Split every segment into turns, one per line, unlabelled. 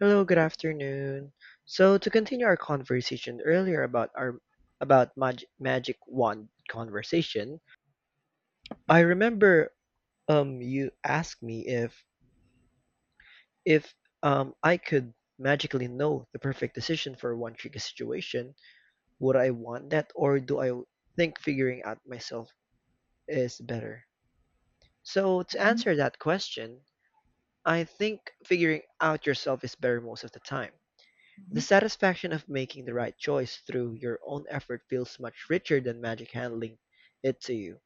Hello, good afternoon. So to continue our conversation earlier about magic wand conversation, I remember you asked me if I could magically know the perfect decision for one tricky situation. Would I want that, or do I think figuring out myself is better? So to
Mhm,
answer that question, I think figuring out yourself is better most of the time. The
mhm.
satisfaction of making the right choice through your own effort feels much richer than magic handling it to you.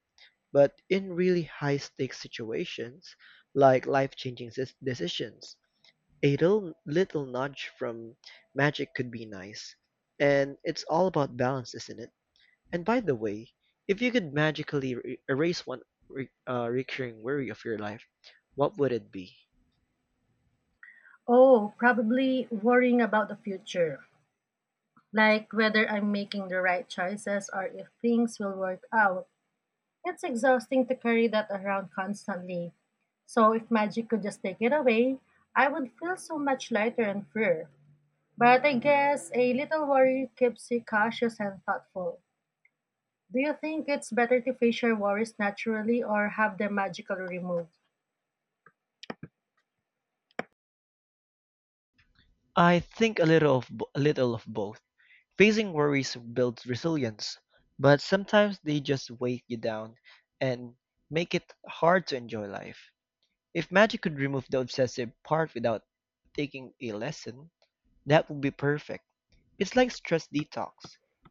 But in really high-stakes situations, like life-changing decisions, a little nudge from magic could be nice. And it's all about balance, isn't it? And by the way, if you could magically erase one recurring worry of your life, what would it be?
Oh, probably worrying about the future, like whether I'm making the right choices or if things will work out. It's exhausting to carry that around constantly. So, if magic could just take it away, I would feel so much lighter and freer. But I guess a little worry keeps you cautious and thoughtful. Do you think it's better to face your worries naturally or have them magically removed?
I think a little of both. Facing worries builds resilience, but sometimes they just weigh you down and make it hard to enjoy life. If magic could remove the obsessive part without taking a lesson, that would be perfect. It's like stress detox.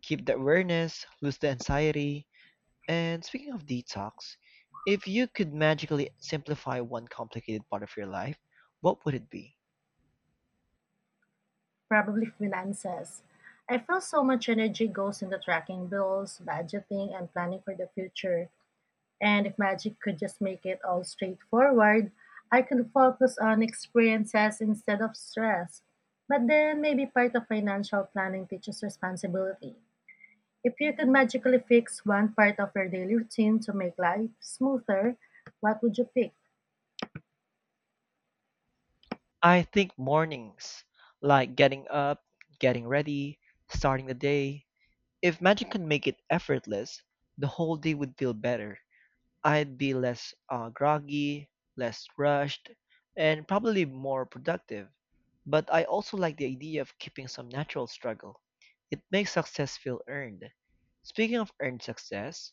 Keep the awareness, lose the anxiety. And speaking of detox, if you could magically simplify one complicated part of your life, what would it be?
Probably finances. I feel so much energy goes into tracking bills, budgeting, and planning for the future. And if magic could just make it all straightforward, I could focus on experiences instead of stress. But then maybe part of financial planning teaches responsibility. If you could magically fix one part of your daily routine to make life smoother, what would you pick?
I think mornings, like getting up, getting ready, starting the day. If magic could make it effortless, the whole day would feel better. I'd be less groggy, less rushed, and probably more productive. But I also like the idea of keeping some natural struggle. It makes success feel earned. Speaking of earned success,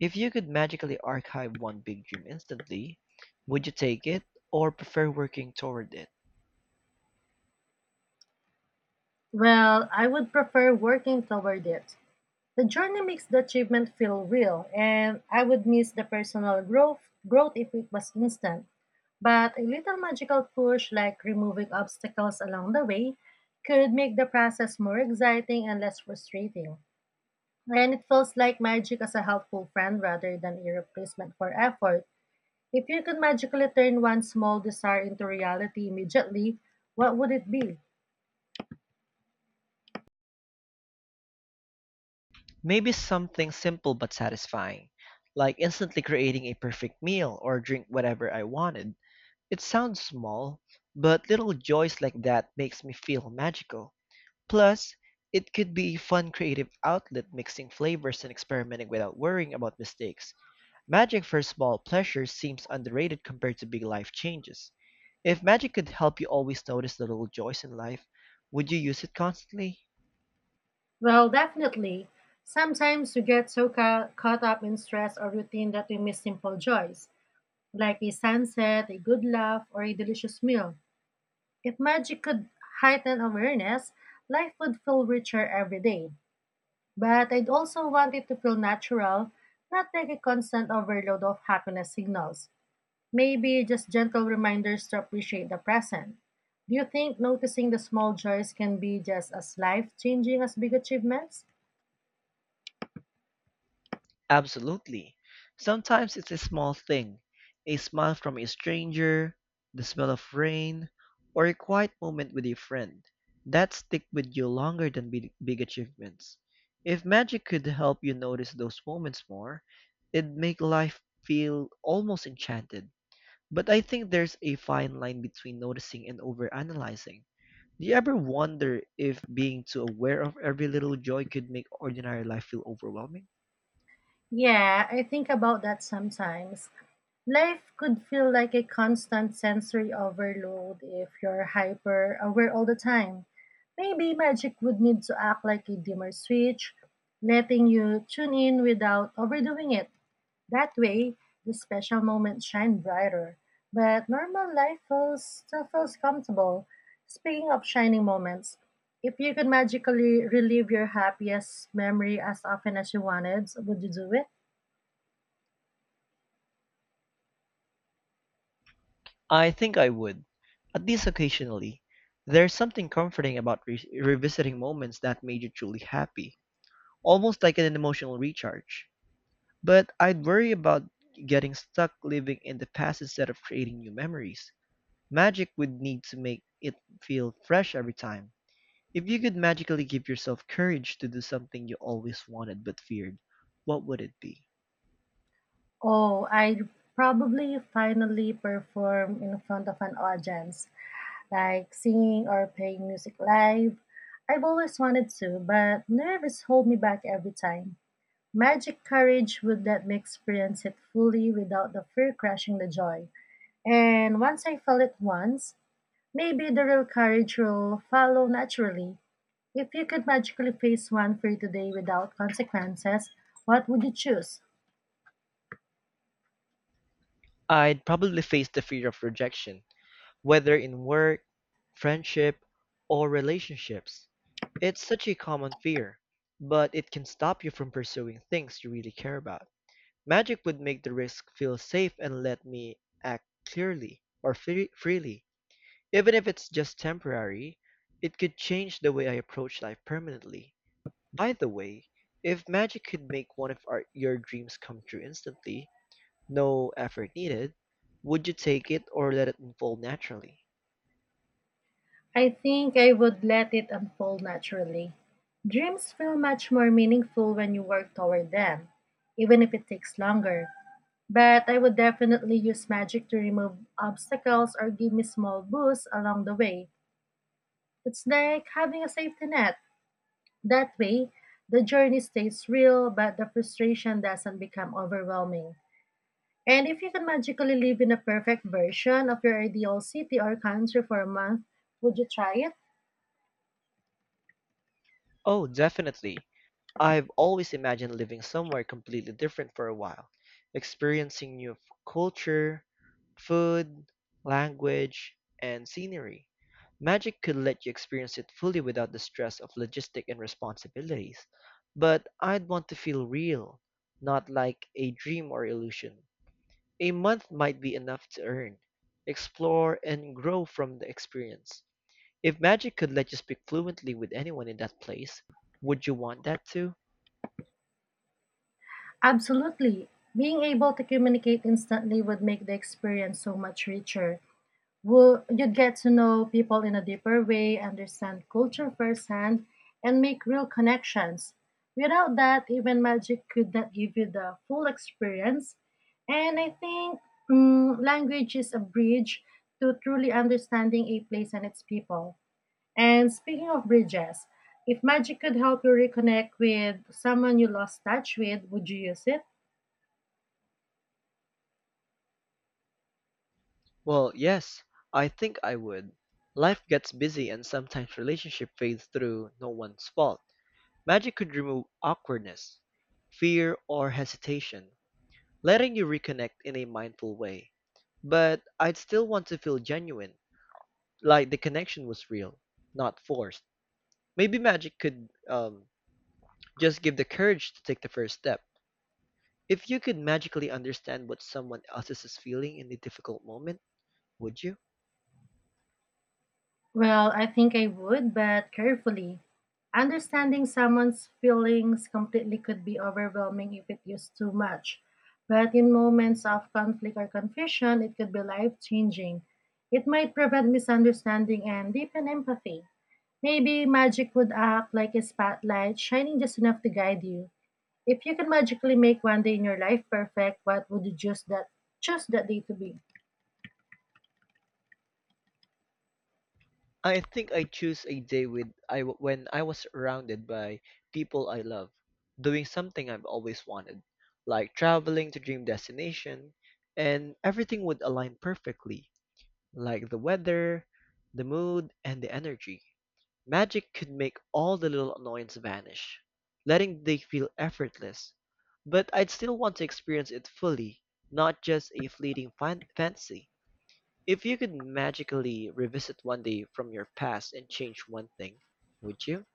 if you could magically archive one big dream instantly, would you take it or prefer working toward it?
Well, I would prefer working toward it. The journey makes the achievement feel real, and I would miss the personal growth if it was instant. But a little magical push like removing obstacles along the way could make the process more exciting and less frustrating. And it feels like magic as a helpful friend rather than a replacement for effort. If you could magically turn one small desire into reality immediately, what would it be?
Maybe something simple but satisfying, like instantly creating a perfect meal or drink, whatever I wanted. It sounds small, but little joys like that makes me feel magical. Plus, it could be a fun creative outlet, mixing flavors and experimenting without worrying about mistakes. Magic for small pleasures seems underrated compared to big life changes. If magic could help you always notice the little joys in life, would you use it constantly?
Well, definitely. Sometimes we get so caught up in stress or routine that we miss simple joys, like a sunset, a good laugh, or a delicious meal. If magic could heighten awareness, life would feel richer every day. But I'd also want it to feel natural, not like a constant overload of happiness signals. Maybe just gentle reminders to appreciate the present. Do you think noticing the small joys can be just as life changing as big achievements?
Absolutely. Sometimes it's a small thing, a smile from a stranger, the smell of rain, or a quiet moment with a friend that stick with you longer than big achievements. If magic could help you notice those moments more, it'd make life feel almost enchanted. But I think there's a fine line between noticing and overanalyzing. Do you ever wonder if being too aware of every little joy could make ordinary life feel overwhelming?
Yeah, I think about that sometimes. Life could feel like a constant sensory overload if you're hyper aware all the time. Maybe magic would need to act like a dimmer switch, letting you tune in without overdoing it. That way, the special moments shine brighter. But normal life still feels comfortable. Speaking of shining moments, if you could magically relive your happiest memory as often as you wanted, would you do it?
I think I would, at least occasionally. There's something comforting about revisiting moments that made you truly happy, almost like an emotional recharge. But I'd worry about getting stuck living in the past instead of creating new memories. Magic would need to make it feel fresh every time. If you could magically give yourself courage to do something you always wanted but feared, what would it be?
Oh, I'd probably finally perform in front of an audience, like singing or playing music live. I've always wanted to, but nerves hold me back every time. Magic Courage would let me experience it fully without the fear crushing the joy. And once I felt it once, maybe the real courage will follow naturally. If you could magically face one for today without consequences, what would you choose?
I'd probably face the fear of rejection, whether in work, friendship, or relationships. It's such a common fear, but it can stop you from pursuing things you really care about. Magic would make the risk feel safe and let me act clearly or freely. Even if it's just temporary, it could change the way I approach life permanently. By the way, if magic could make one of your dreams come true instantly, no effort needed, would you take it or let it unfold naturally?
I think I would let it unfold naturally. Dreams feel much more meaningful when you work toward them, even if it takes longer. But I would definitely use magic to remove obstacles or give me small boosts along the way. It's like having a safety net. That way, the journey stays real, but the frustration doesn't become overwhelming. And if you can magically live in a perfect version of your ideal city or country for a month, would you try it?
Oh, definitely. I've always imagined living somewhere completely different for a while, experiencing new culture, food, language, and scenery. Magic could let you experience it fully without the stress of logistic and responsibilities, but I'd want to feel real, not like a dream or illusion. A month might be enough to earn, explore, and grow from the experience. If magic could let you speak fluently with anyone in that place, would you want that too?
Absolutely. Being able to communicate instantly would make the experience so much richer. You'd get to know people in a deeper way, understand culture firsthand, and make real connections. Without that, even magic could not give you the full experience. And I think language is a bridge to truly understanding a place and its people. And speaking of bridges, if magic could help you reconnect with someone you lost touch with, would you use it?
Well, yes, I think I would. Life gets busy and sometimes relationship fades through no one's fault. Magic could remove awkwardness, fear, or hesitation, letting you reconnect in a mindful way. But I'd still want to feel genuine, like the connection was real, not forced. Maybe magic could just give the courage to take the first step. If you could magically understand what someone else is feeling in a difficult moment, would you?
Well, I think I would, but carefully. Understanding someone's feelings completely could be overwhelming if it used too much. But in moments of conflict or confusion, it could be life changing. It might prevent misunderstanding and deepen empathy. Maybe magic would act like a spotlight, shining just enough to guide you. If you could magically make one day in your life perfect, what would you choose that day to be?
I think I choose a day with when I was surrounded by people I love, doing something I've always wanted, like traveling to dream destination, and everything would align perfectly, like the weather, the mood, and the energy. Magic could make all the little annoyances vanish, letting they feel effortless. But I'd still want to experience it fully, not just a fleeting fancy. If you could magically revisit one day from your past and change one thing, would you?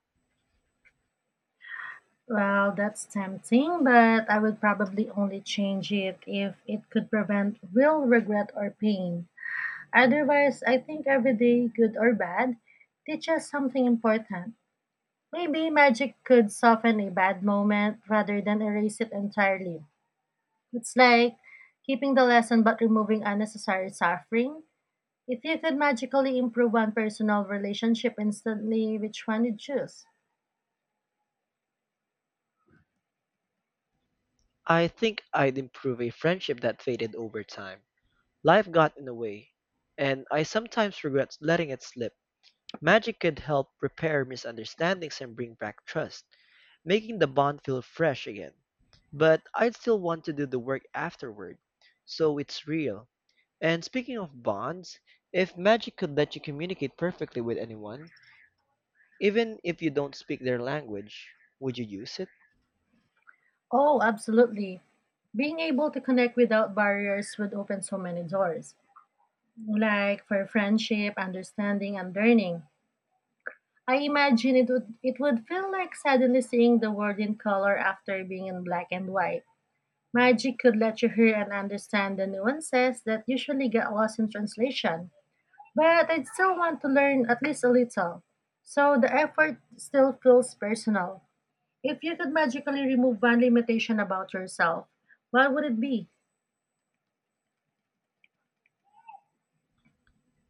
Well, that's tempting, but I would probably only change it if it could prevent real regret or pain. Otherwise, I think every day, good or bad, teaches something important. Maybe magic could soften a bad moment rather than erase it entirely. It's like keeping the lesson but removing unnecessary suffering. If you could magically improve one personal relationship instantly, which one would you choose?
I think I'd improve a friendship that faded over time. Life got in the way, and I sometimes regret letting it slip. Magic could help repair misunderstandings and bring back trust, making the bond feel fresh again. But I'd still want to do the work afterward, so it's real. And speaking of bonds, if magic could let you communicate perfectly with anyone, even if you don't speak their language, would you use it?
Oh, absolutely. Being able to connect without barriers would open so many doors, like for friendship, understanding, and learning. I imagine it would feel like suddenly seeing the world in color after being in black and white. Magic could let you hear and understand the nuances that usually get lost in translation. But I'd still want to learn at least a little. So the effort still feels personal. If you could magically remove one limitation about yourself, what would it be?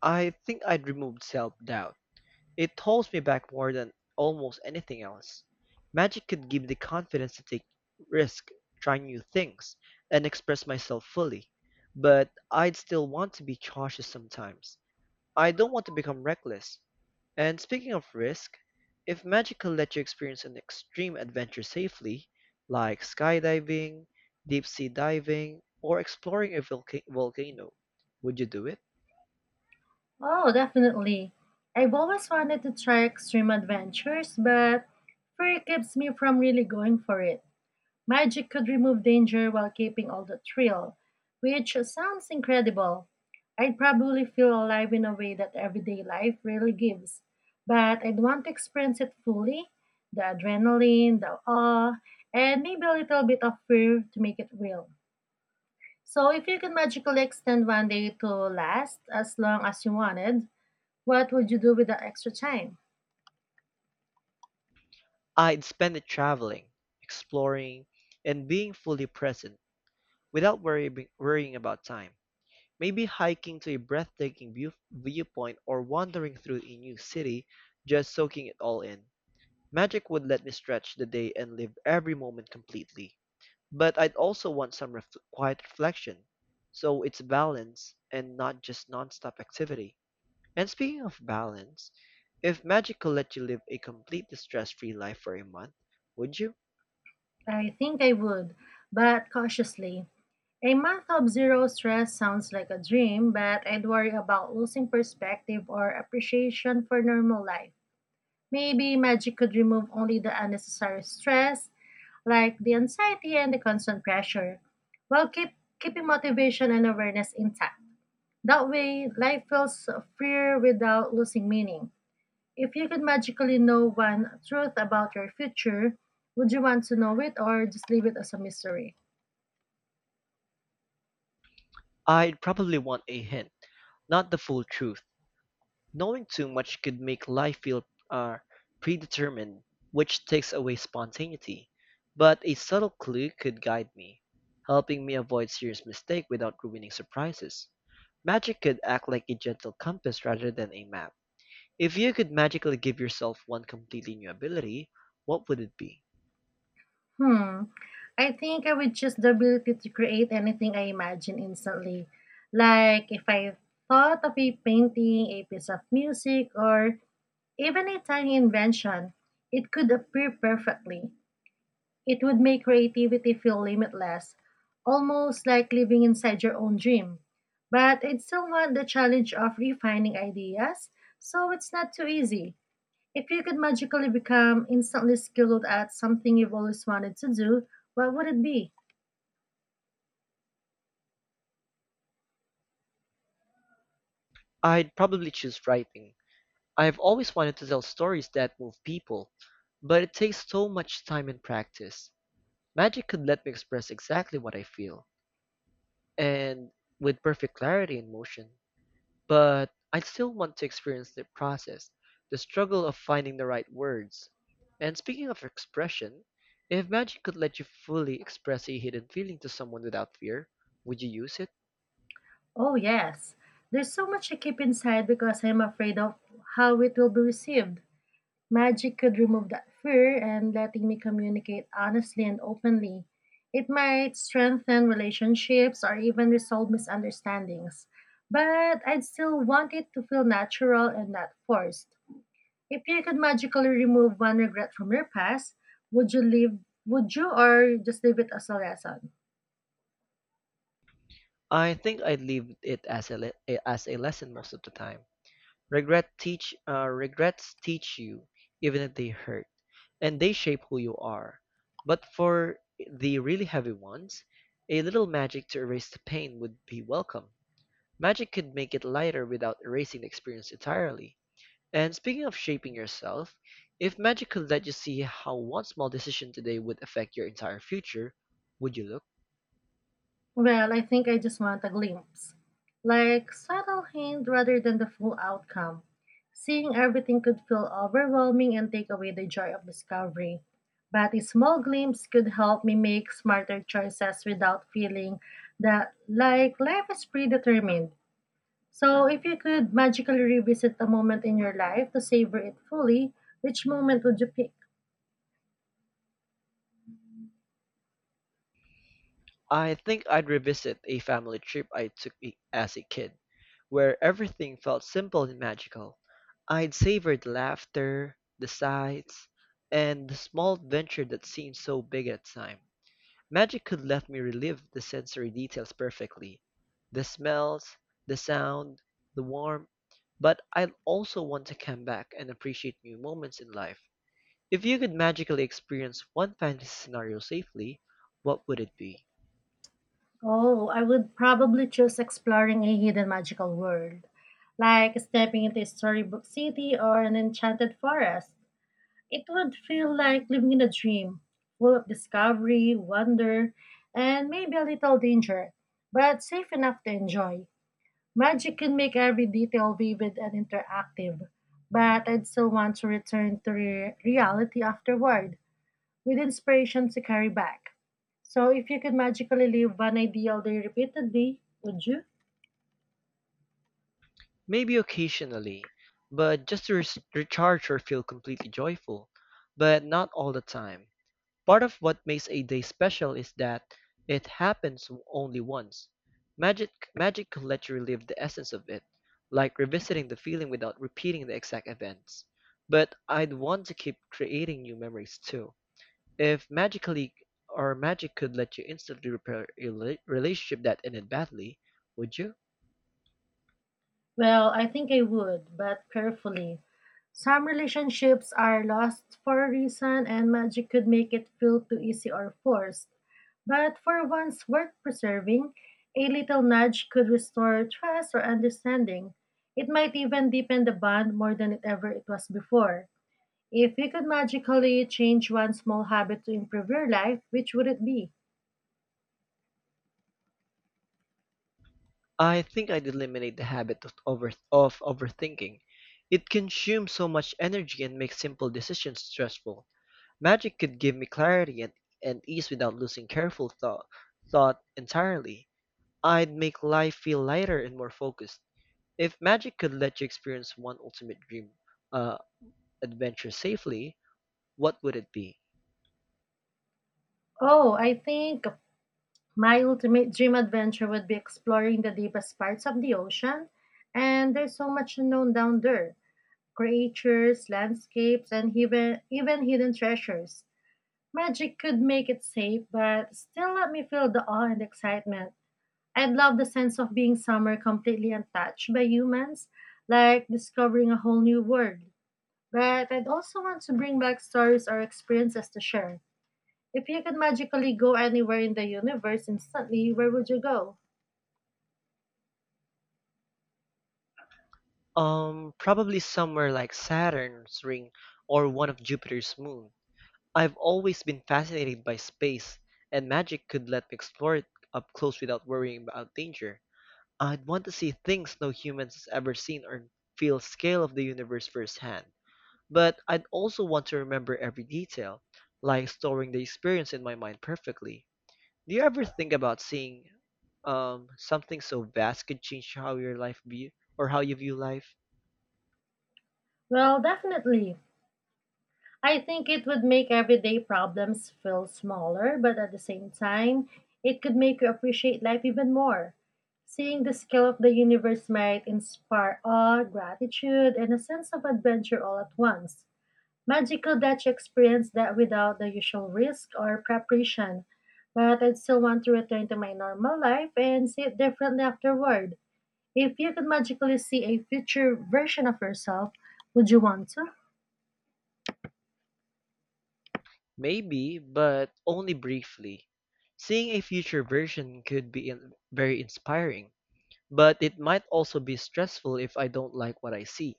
I think I'd remove self doubt. It holds me back more than almost anything else. Magic could give the confidence to take risk, try new things, and express myself fully. But I'd still want to be cautious sometimes. I don't want to become reckless. And speaking of risk, if magic could let you experience an extreme adventure safely, like skydiving, deep sea diving, or exploring a volcano, would you do it?
Oh, definitely. I've always wanted to try extreme adventures, but fear keeps me from really going for it. Magic could remove danger while keeping all the thrill, which sounds incredible. I'd probably feel alive in a way that everyday life rarely gives, but I'd want to experience it fully the adrenaline, the awe, and maybe a little bit of fear to make it real. So, if you could magically extend one day to last as long as you wanted, what would you do with the extra time?
I'd spend it traveling, exploring, and being fully present without worrying about time. Maybe hiking to a breathtaking viewpoint, or wandering through a new city, just soaking it all in. Magic would let me stretch the day and live every moment completely. But I'd also want some quiet reflection. So it's balance and not just nonstop activity. And speaking of balance, if magic could let you live a completely stress free life for a month, would you?
I think I would, but cautiously. A month of zero stress sounds like a dream, but I'd worry about losing perspective or appreciation for normal life. Maybe magic could remove only the unnecessary stress, like the anxiety and the constant pressure, while keeping motivation and awareness intact. That way, life feels freer without losing meaning. If you could magically know one truth about your future, would you want to know it or just leave it as a mystery?
I'd probably want a hint, not the full truth. Knowing too much could make life feel uh, predetermined, which takes away spontaneity. But a subtle clue could guide me, helping me avoid serious mistake without ruining surprises. Magic could act like a gentle compass rather than a map. If you could magically give yourself one completely new ability, what would it be?
Hmm. I think I would choose the ability to create anything I imagine instantly. Like if I thought of a painting, a piece of music, or even a tiny invention, it could appear perfectly. It would make creativity feel limitless, almost like living inside your own dream. But I'd still want the challenge of refining ideas, so it's not too easy. If you could magically become instantly skilled at something you've always wanted to do, what would it be?
I'd probably choose writing. I have always wanted to tell stories that move people, but it takes so much time and practice. Magic could let me express exactly what I feel, and with perfect clarity and motion. But I still want to experience the process, the struggle of finding the right words. And speaking of expression, if magic could let you fully express a hidden feeling to someone without fear, would you use it?
Oh, yes. There's so much I keep inside because I'm afraid of how it will be received. Magic could remove that fear and letting me communicate honestly and openly. It might strengthen relationships or even resolve misunderstandings. But I'd still want it to feel natural and not forced. If you could magically remove one regret from your past, would you leave would you or just leave it as a lesson?
I think I'd leave it as as a lesson most of the time. Regrets teach you, even if they hurt, and they shape who you are. But for the really heavy ones, a little magic to erase the pain would be welcome. Magic could make it lighter without erasing the experience entirely. And speaking of shaping yourself, if magic could let you see how one small decision today would affect your entire future, would you look?
Well, I think I just want a glimpse. Like subtle hint rather than the full outcome. Seeing everything could feel overwhelming and take away the joy of discovery. But a small glimpse could help me make smarter choices without feeling that like life is predetermined. So if you could magically revisit a moment in your life to savor it fully, which moment would you pick?
I think I'd revisit a family trip I as a kid, where everything felt simple and magical. I'd savor the laughter, the sights, and the small adventure that seemed so big at the time. Magic could let me relive the sensory details perfectly, the smells, the sound, the warmth, but I'd also want to come back and appreciate new moments in life. If you could magically experience one fantasy scenario safely, what would it be?
Oh, I would probably choose exploring a hidden magical world, like stepping into a storybook city or an enchanted forest. It would feel like living in a dream, full of discovery, wonder, and maybe a little danger, but safe enough to enjoy. Magic can make every detail vivid and interactive, but I'd still want to return to reality afterward with inspiration to carry back. So, if you could magically live one ideal day repeatedly, would you?
Maybe occasionally, but just to recharge or feel completely joyful, but not all the time. Part of what makes a day special is that it happens only once. Magic, Magic can let you relive the essence of it, like revisiting the feeling without repeating the exact events. But I'd want to keep creating new memories too. If magic could let you instantly repair a relationship that ended badly, would you?
Well, I think I would, but carefully. Some relationships are lost for a reason, and magic could make it feel too easy or forced. But for ones worth preserving, a little nudge could restore trust or understanding. It might even deepen the bond more than it was before. If you could magically change one small habit to improve your life, which would it be?
I think I'd eliminate the habit of, over, of overthinking. It consumes so much energy and makes simple decisions stressful. Magic could give me clarity and ease without losing careful thought entirely. I'd make life feel lighter and more focused. If magic could let you experience one ultimate dream uh, adventure safely, what would it be?
Oh, I think my ultimate dream adventure would be exploring the deepest parts of the ocean. And there's so much unknown down there creatures, landscapes, and even hidden treasures. Magic could make it safe, but still let me feel the awe and excitement. I'd love the sense of being somewhere completely untouched by humans, like discovering a whole new world. But I'd also want to bring back stories or experiences to share if you could magically go anywhere in the universe instantly, where would you go?
Probably somewhere like Saturn's ring or one of Jupiter's moon. I've always been fascinated by space, and magic could let me explore it up close without worrying about danger. I'd want to see things no humans has ever seen or feel scale of the universe firsthand. But I'd also want to remember every detail, like storing the experience in my mind perfectly. Do you ever think about seeing something so vast could change how your life view or how you view life?
Well, definitely. I think it would make everyday problems feel smaller, but at the same time, it could make you appreciate life even more. Seeing the scale of the universe might inspire awe, gratitude, and a sense of adventure all at once. Magical that you experience that without the usual risk or preparation, but I'd still want to return to my normal life and see it differently afterward. If you could magically see a future version of yourself, would you want to?
Maybe, but only briefly. Seeing a future version could be very inspiring, but it might also be stressful if I don't like what I see.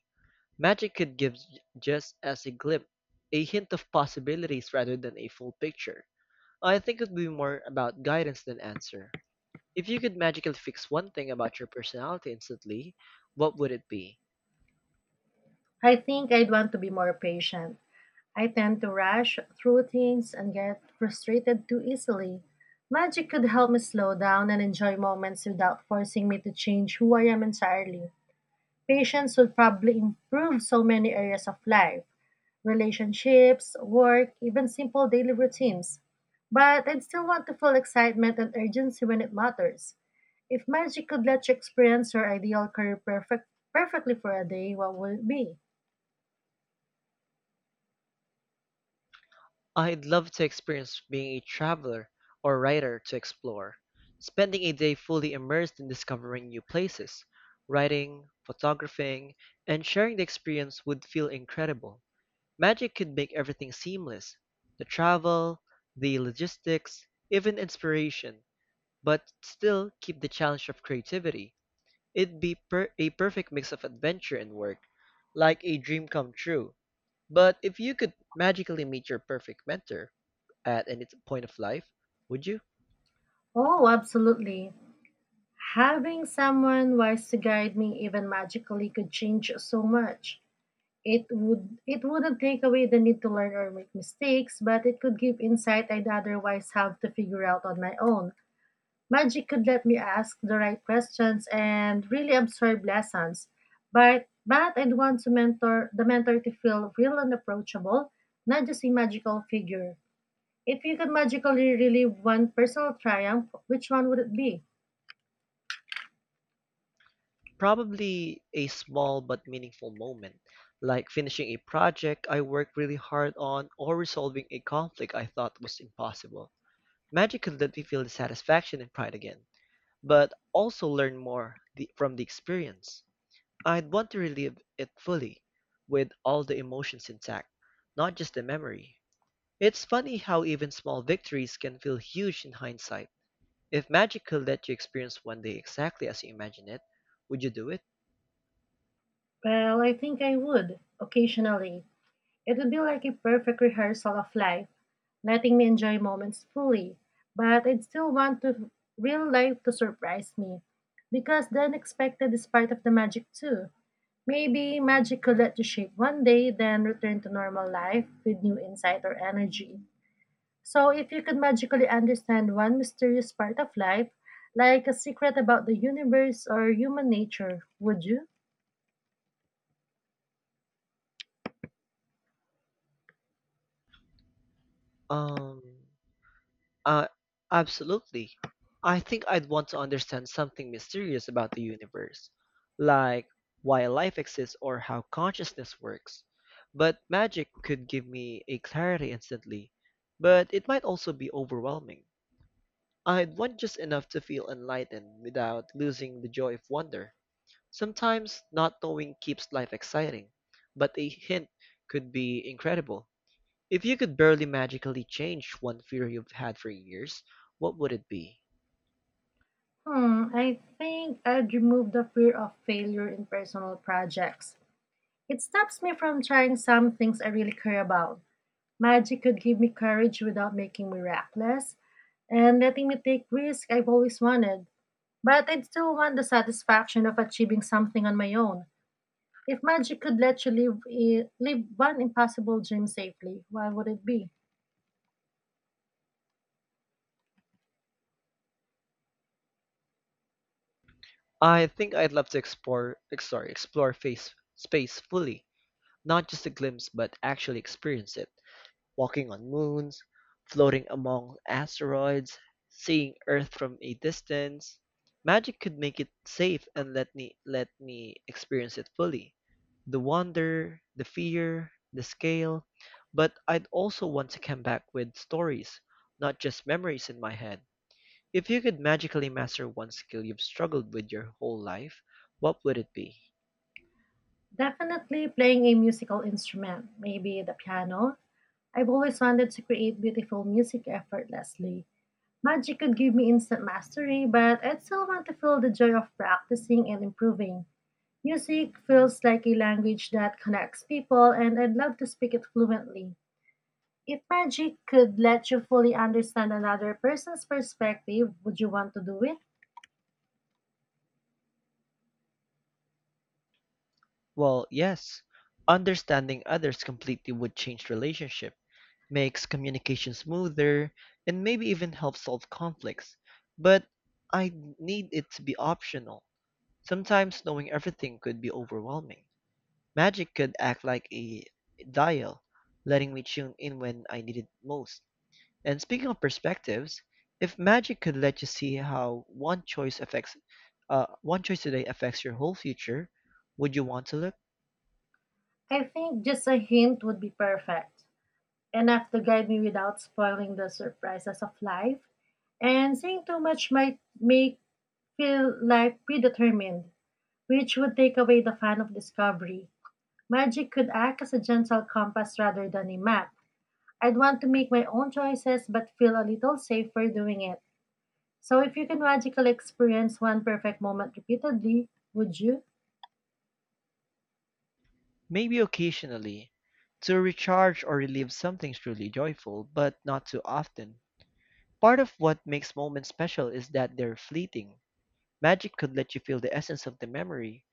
Magic could give just as a glimpse, a hint of possibilities rather than a full picture. I think it would be more about guidance than answer. If you could magically fix one thing about your personality instantly, what would it be?
I think I'd want to be more patient. I tend to rush through things and get frustrated too easily. Magic could help me slow down and enjoy moments without forcing me to change who I am entirely. Patience would probably improve so many areas of life: relationships, work, even simple daily routines. But I'd still want to feel excitement and urgency when it matters. If magic could let you experience your ideal career perfectly for a day, what would it be?
I'd love to experience being a traveler or writer to explore, spending a day fully immersed in discovering new places. Writing, photographing, and sharing the experience would feel incredible. Magic could make everything seamless the travel, the logistics, even inspiration, but still keep the challenge of creativity. It'd be a perfect mix of adventure and work, like a dream come true. But if you could magically meet your perfect mentor, at any point of life, would you?
Oh, absolutely. Having someone wise to guide me even magically could change so much. It wouldn't take away the need to learn or make mistakes, but it could give insight I'd otherwise have to figure out on my own. Magic could let me ask the right questions and really absorb lessons. But I'd want to mentor the mentor to feel real and approachable, not just a magical figure. If you could magically relive one personal triumph, which one would it be?
Probably a small but meaningful moment, like finishing a project I worked really hard on or resolving a conflict I thought was impossible. Magic could let me feel the satisfaction and pride again, but also learn more from the experience. I'd want to relive it fully, with all the emotions intact, not just the memory. It's funny how even small victories can feel huge in hindsight. If magic could let you experience one day exactly as you imagine it, would you do it?
Well, I think I would, occasionally. It would be like a perfect rehearsal of life, letting me enjoy moments fully. But I'd still want to real life to surprise me, because the unexpected is part of the magic too. Maybe magic could let you shape one day, then return to normal life with new insight or energy. So, if you could magically understand one mysterious part of life, like a secret about the universe or human nature, would you?
Um, uh, Absolutely. I think I'd want to understand something mysterious about the universe, like why life exists or how consciousness works. But magic could give me a clarity instantly, but it might also be overwhelming. I had one just enough to feel enlightened without losing the joy of wonder. Sometimes not knowing keeps life exciting, but a hint could be incredible. If you could barely magically change one fear you've had for years, what would it be?
Hmm, I think I'd remove the fear of failure in personal projects. It stops me from trying some things I really care about. Magic could give me courage without making me reckless and letting me take risks I've always wanted. But I'd still want the satisfaction of achieving something on my own. If magic could let you live one impossible dream safely, what would it be?
I think I'd love to explore space fully, not just a glimpse, but actually experience it. Walking on moons, floating among asteroids, seeing Earth from a distance. Magic could make it safe and let me experience it fully. The wonder, the fear, the scale, but I'd also want to come back with stories, not just memories in my head. If you could magically master one skill you've struggled with your whole life, what would it be?
Definitely playing a musical instrument, maybe the piano. I've always wanted to create beautiful music effortlessly. Magic could give me instant mastery, but I'd still want to feel the joy of practicing and improving. Music feels like a language that connects people, and I'd love to speak it fluently. If magic could let you fully understand another person's perspective, would you want to do it?
Well, yes, understanding others completely would change relationships, makes communication smoother, and maybe even helps solve conflicts. But I need it to be optional. Sometimes knowing everything could be overwhelming. Magic could act like a dial, letting me tune in when I need it most. And speaking of perspectives, if magic could let you see how one choice today affects your whole future, would you want to look?
I think just a hint would be perfect, enough to guide me without spoiling the surprises of life. And saying too much might make feel like predetermined, which would take away the fun of discovery. Magic could act as a gentle compass rather than a map. I'd want to make my own choices but feel a little safer doing it. So, if you can magically experience one perfect moment repeatedly, would you?
Maybe occasionally, to recharge or relive something truly joyful, but not too often. Part of what makes moments special is that they're fleeting. Magic could let you feel the essence of the memory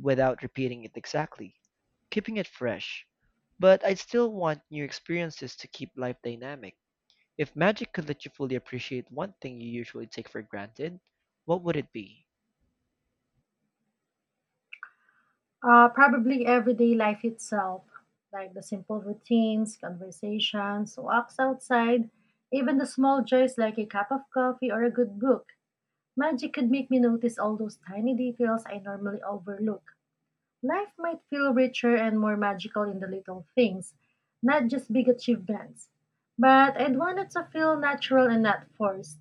without repeating it exactly, keeping it fresh. But I'd still want new experiences to keep life dynamic. If magic could let you fully appreciate one thing you usually take for granted, what would it be?
Probably everyday life itself, like the simple routines, conversations, walks outside, even the small joys like a cup of coffee or a good book. Magic could make me notice all those tiny details I normally overlook. Life might feel richer and more magical in the little things, not just big achievements. But I'd want it to feel natural and not forced.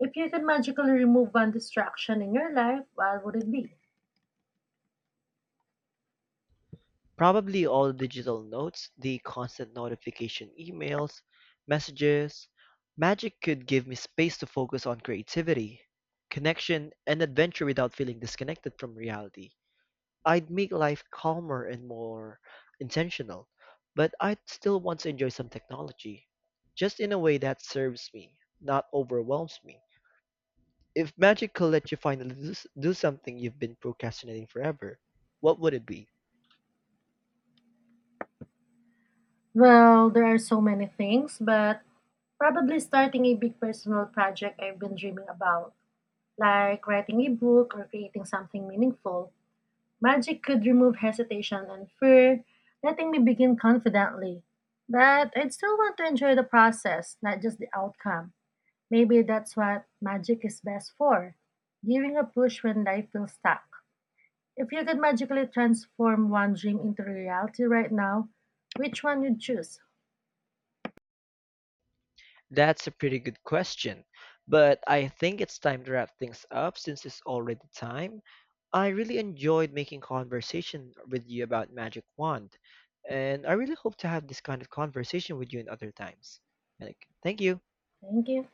If you could magically remove one distraction in your life, what would it be?
Probably all digital notes, the constant notification emails, messages, magic could give me space to focus on creativity, connection, and adventure without feeling disconnected from reality. I'd make life calmer and more intentional, but I'd still want to enjoy some technology, just in a way that serves me, not overwhelms me. If magic could let you do something you've been procrastinating forever, what would it be?
Well, there are so many things, but probably starting a big personal project I've been dreaming about, like writing a book or creating something meaningful. Magic could remove hesitation and fear, letting me begin confidently. But I'd still want to enjoy the process, not just the outcome. Maybe that's what magic is best for, giving a push when life feels stuck. If you could magically transform one dream into reality right now, which one you'd choose?
That's a pretty good question, but I think it's time to wrap things up since it's already time. I really enjoyed making conversation with you about Magic Wand, and I really hope to have this kind of conversation with you in other times. Like, thank you.
Thank you.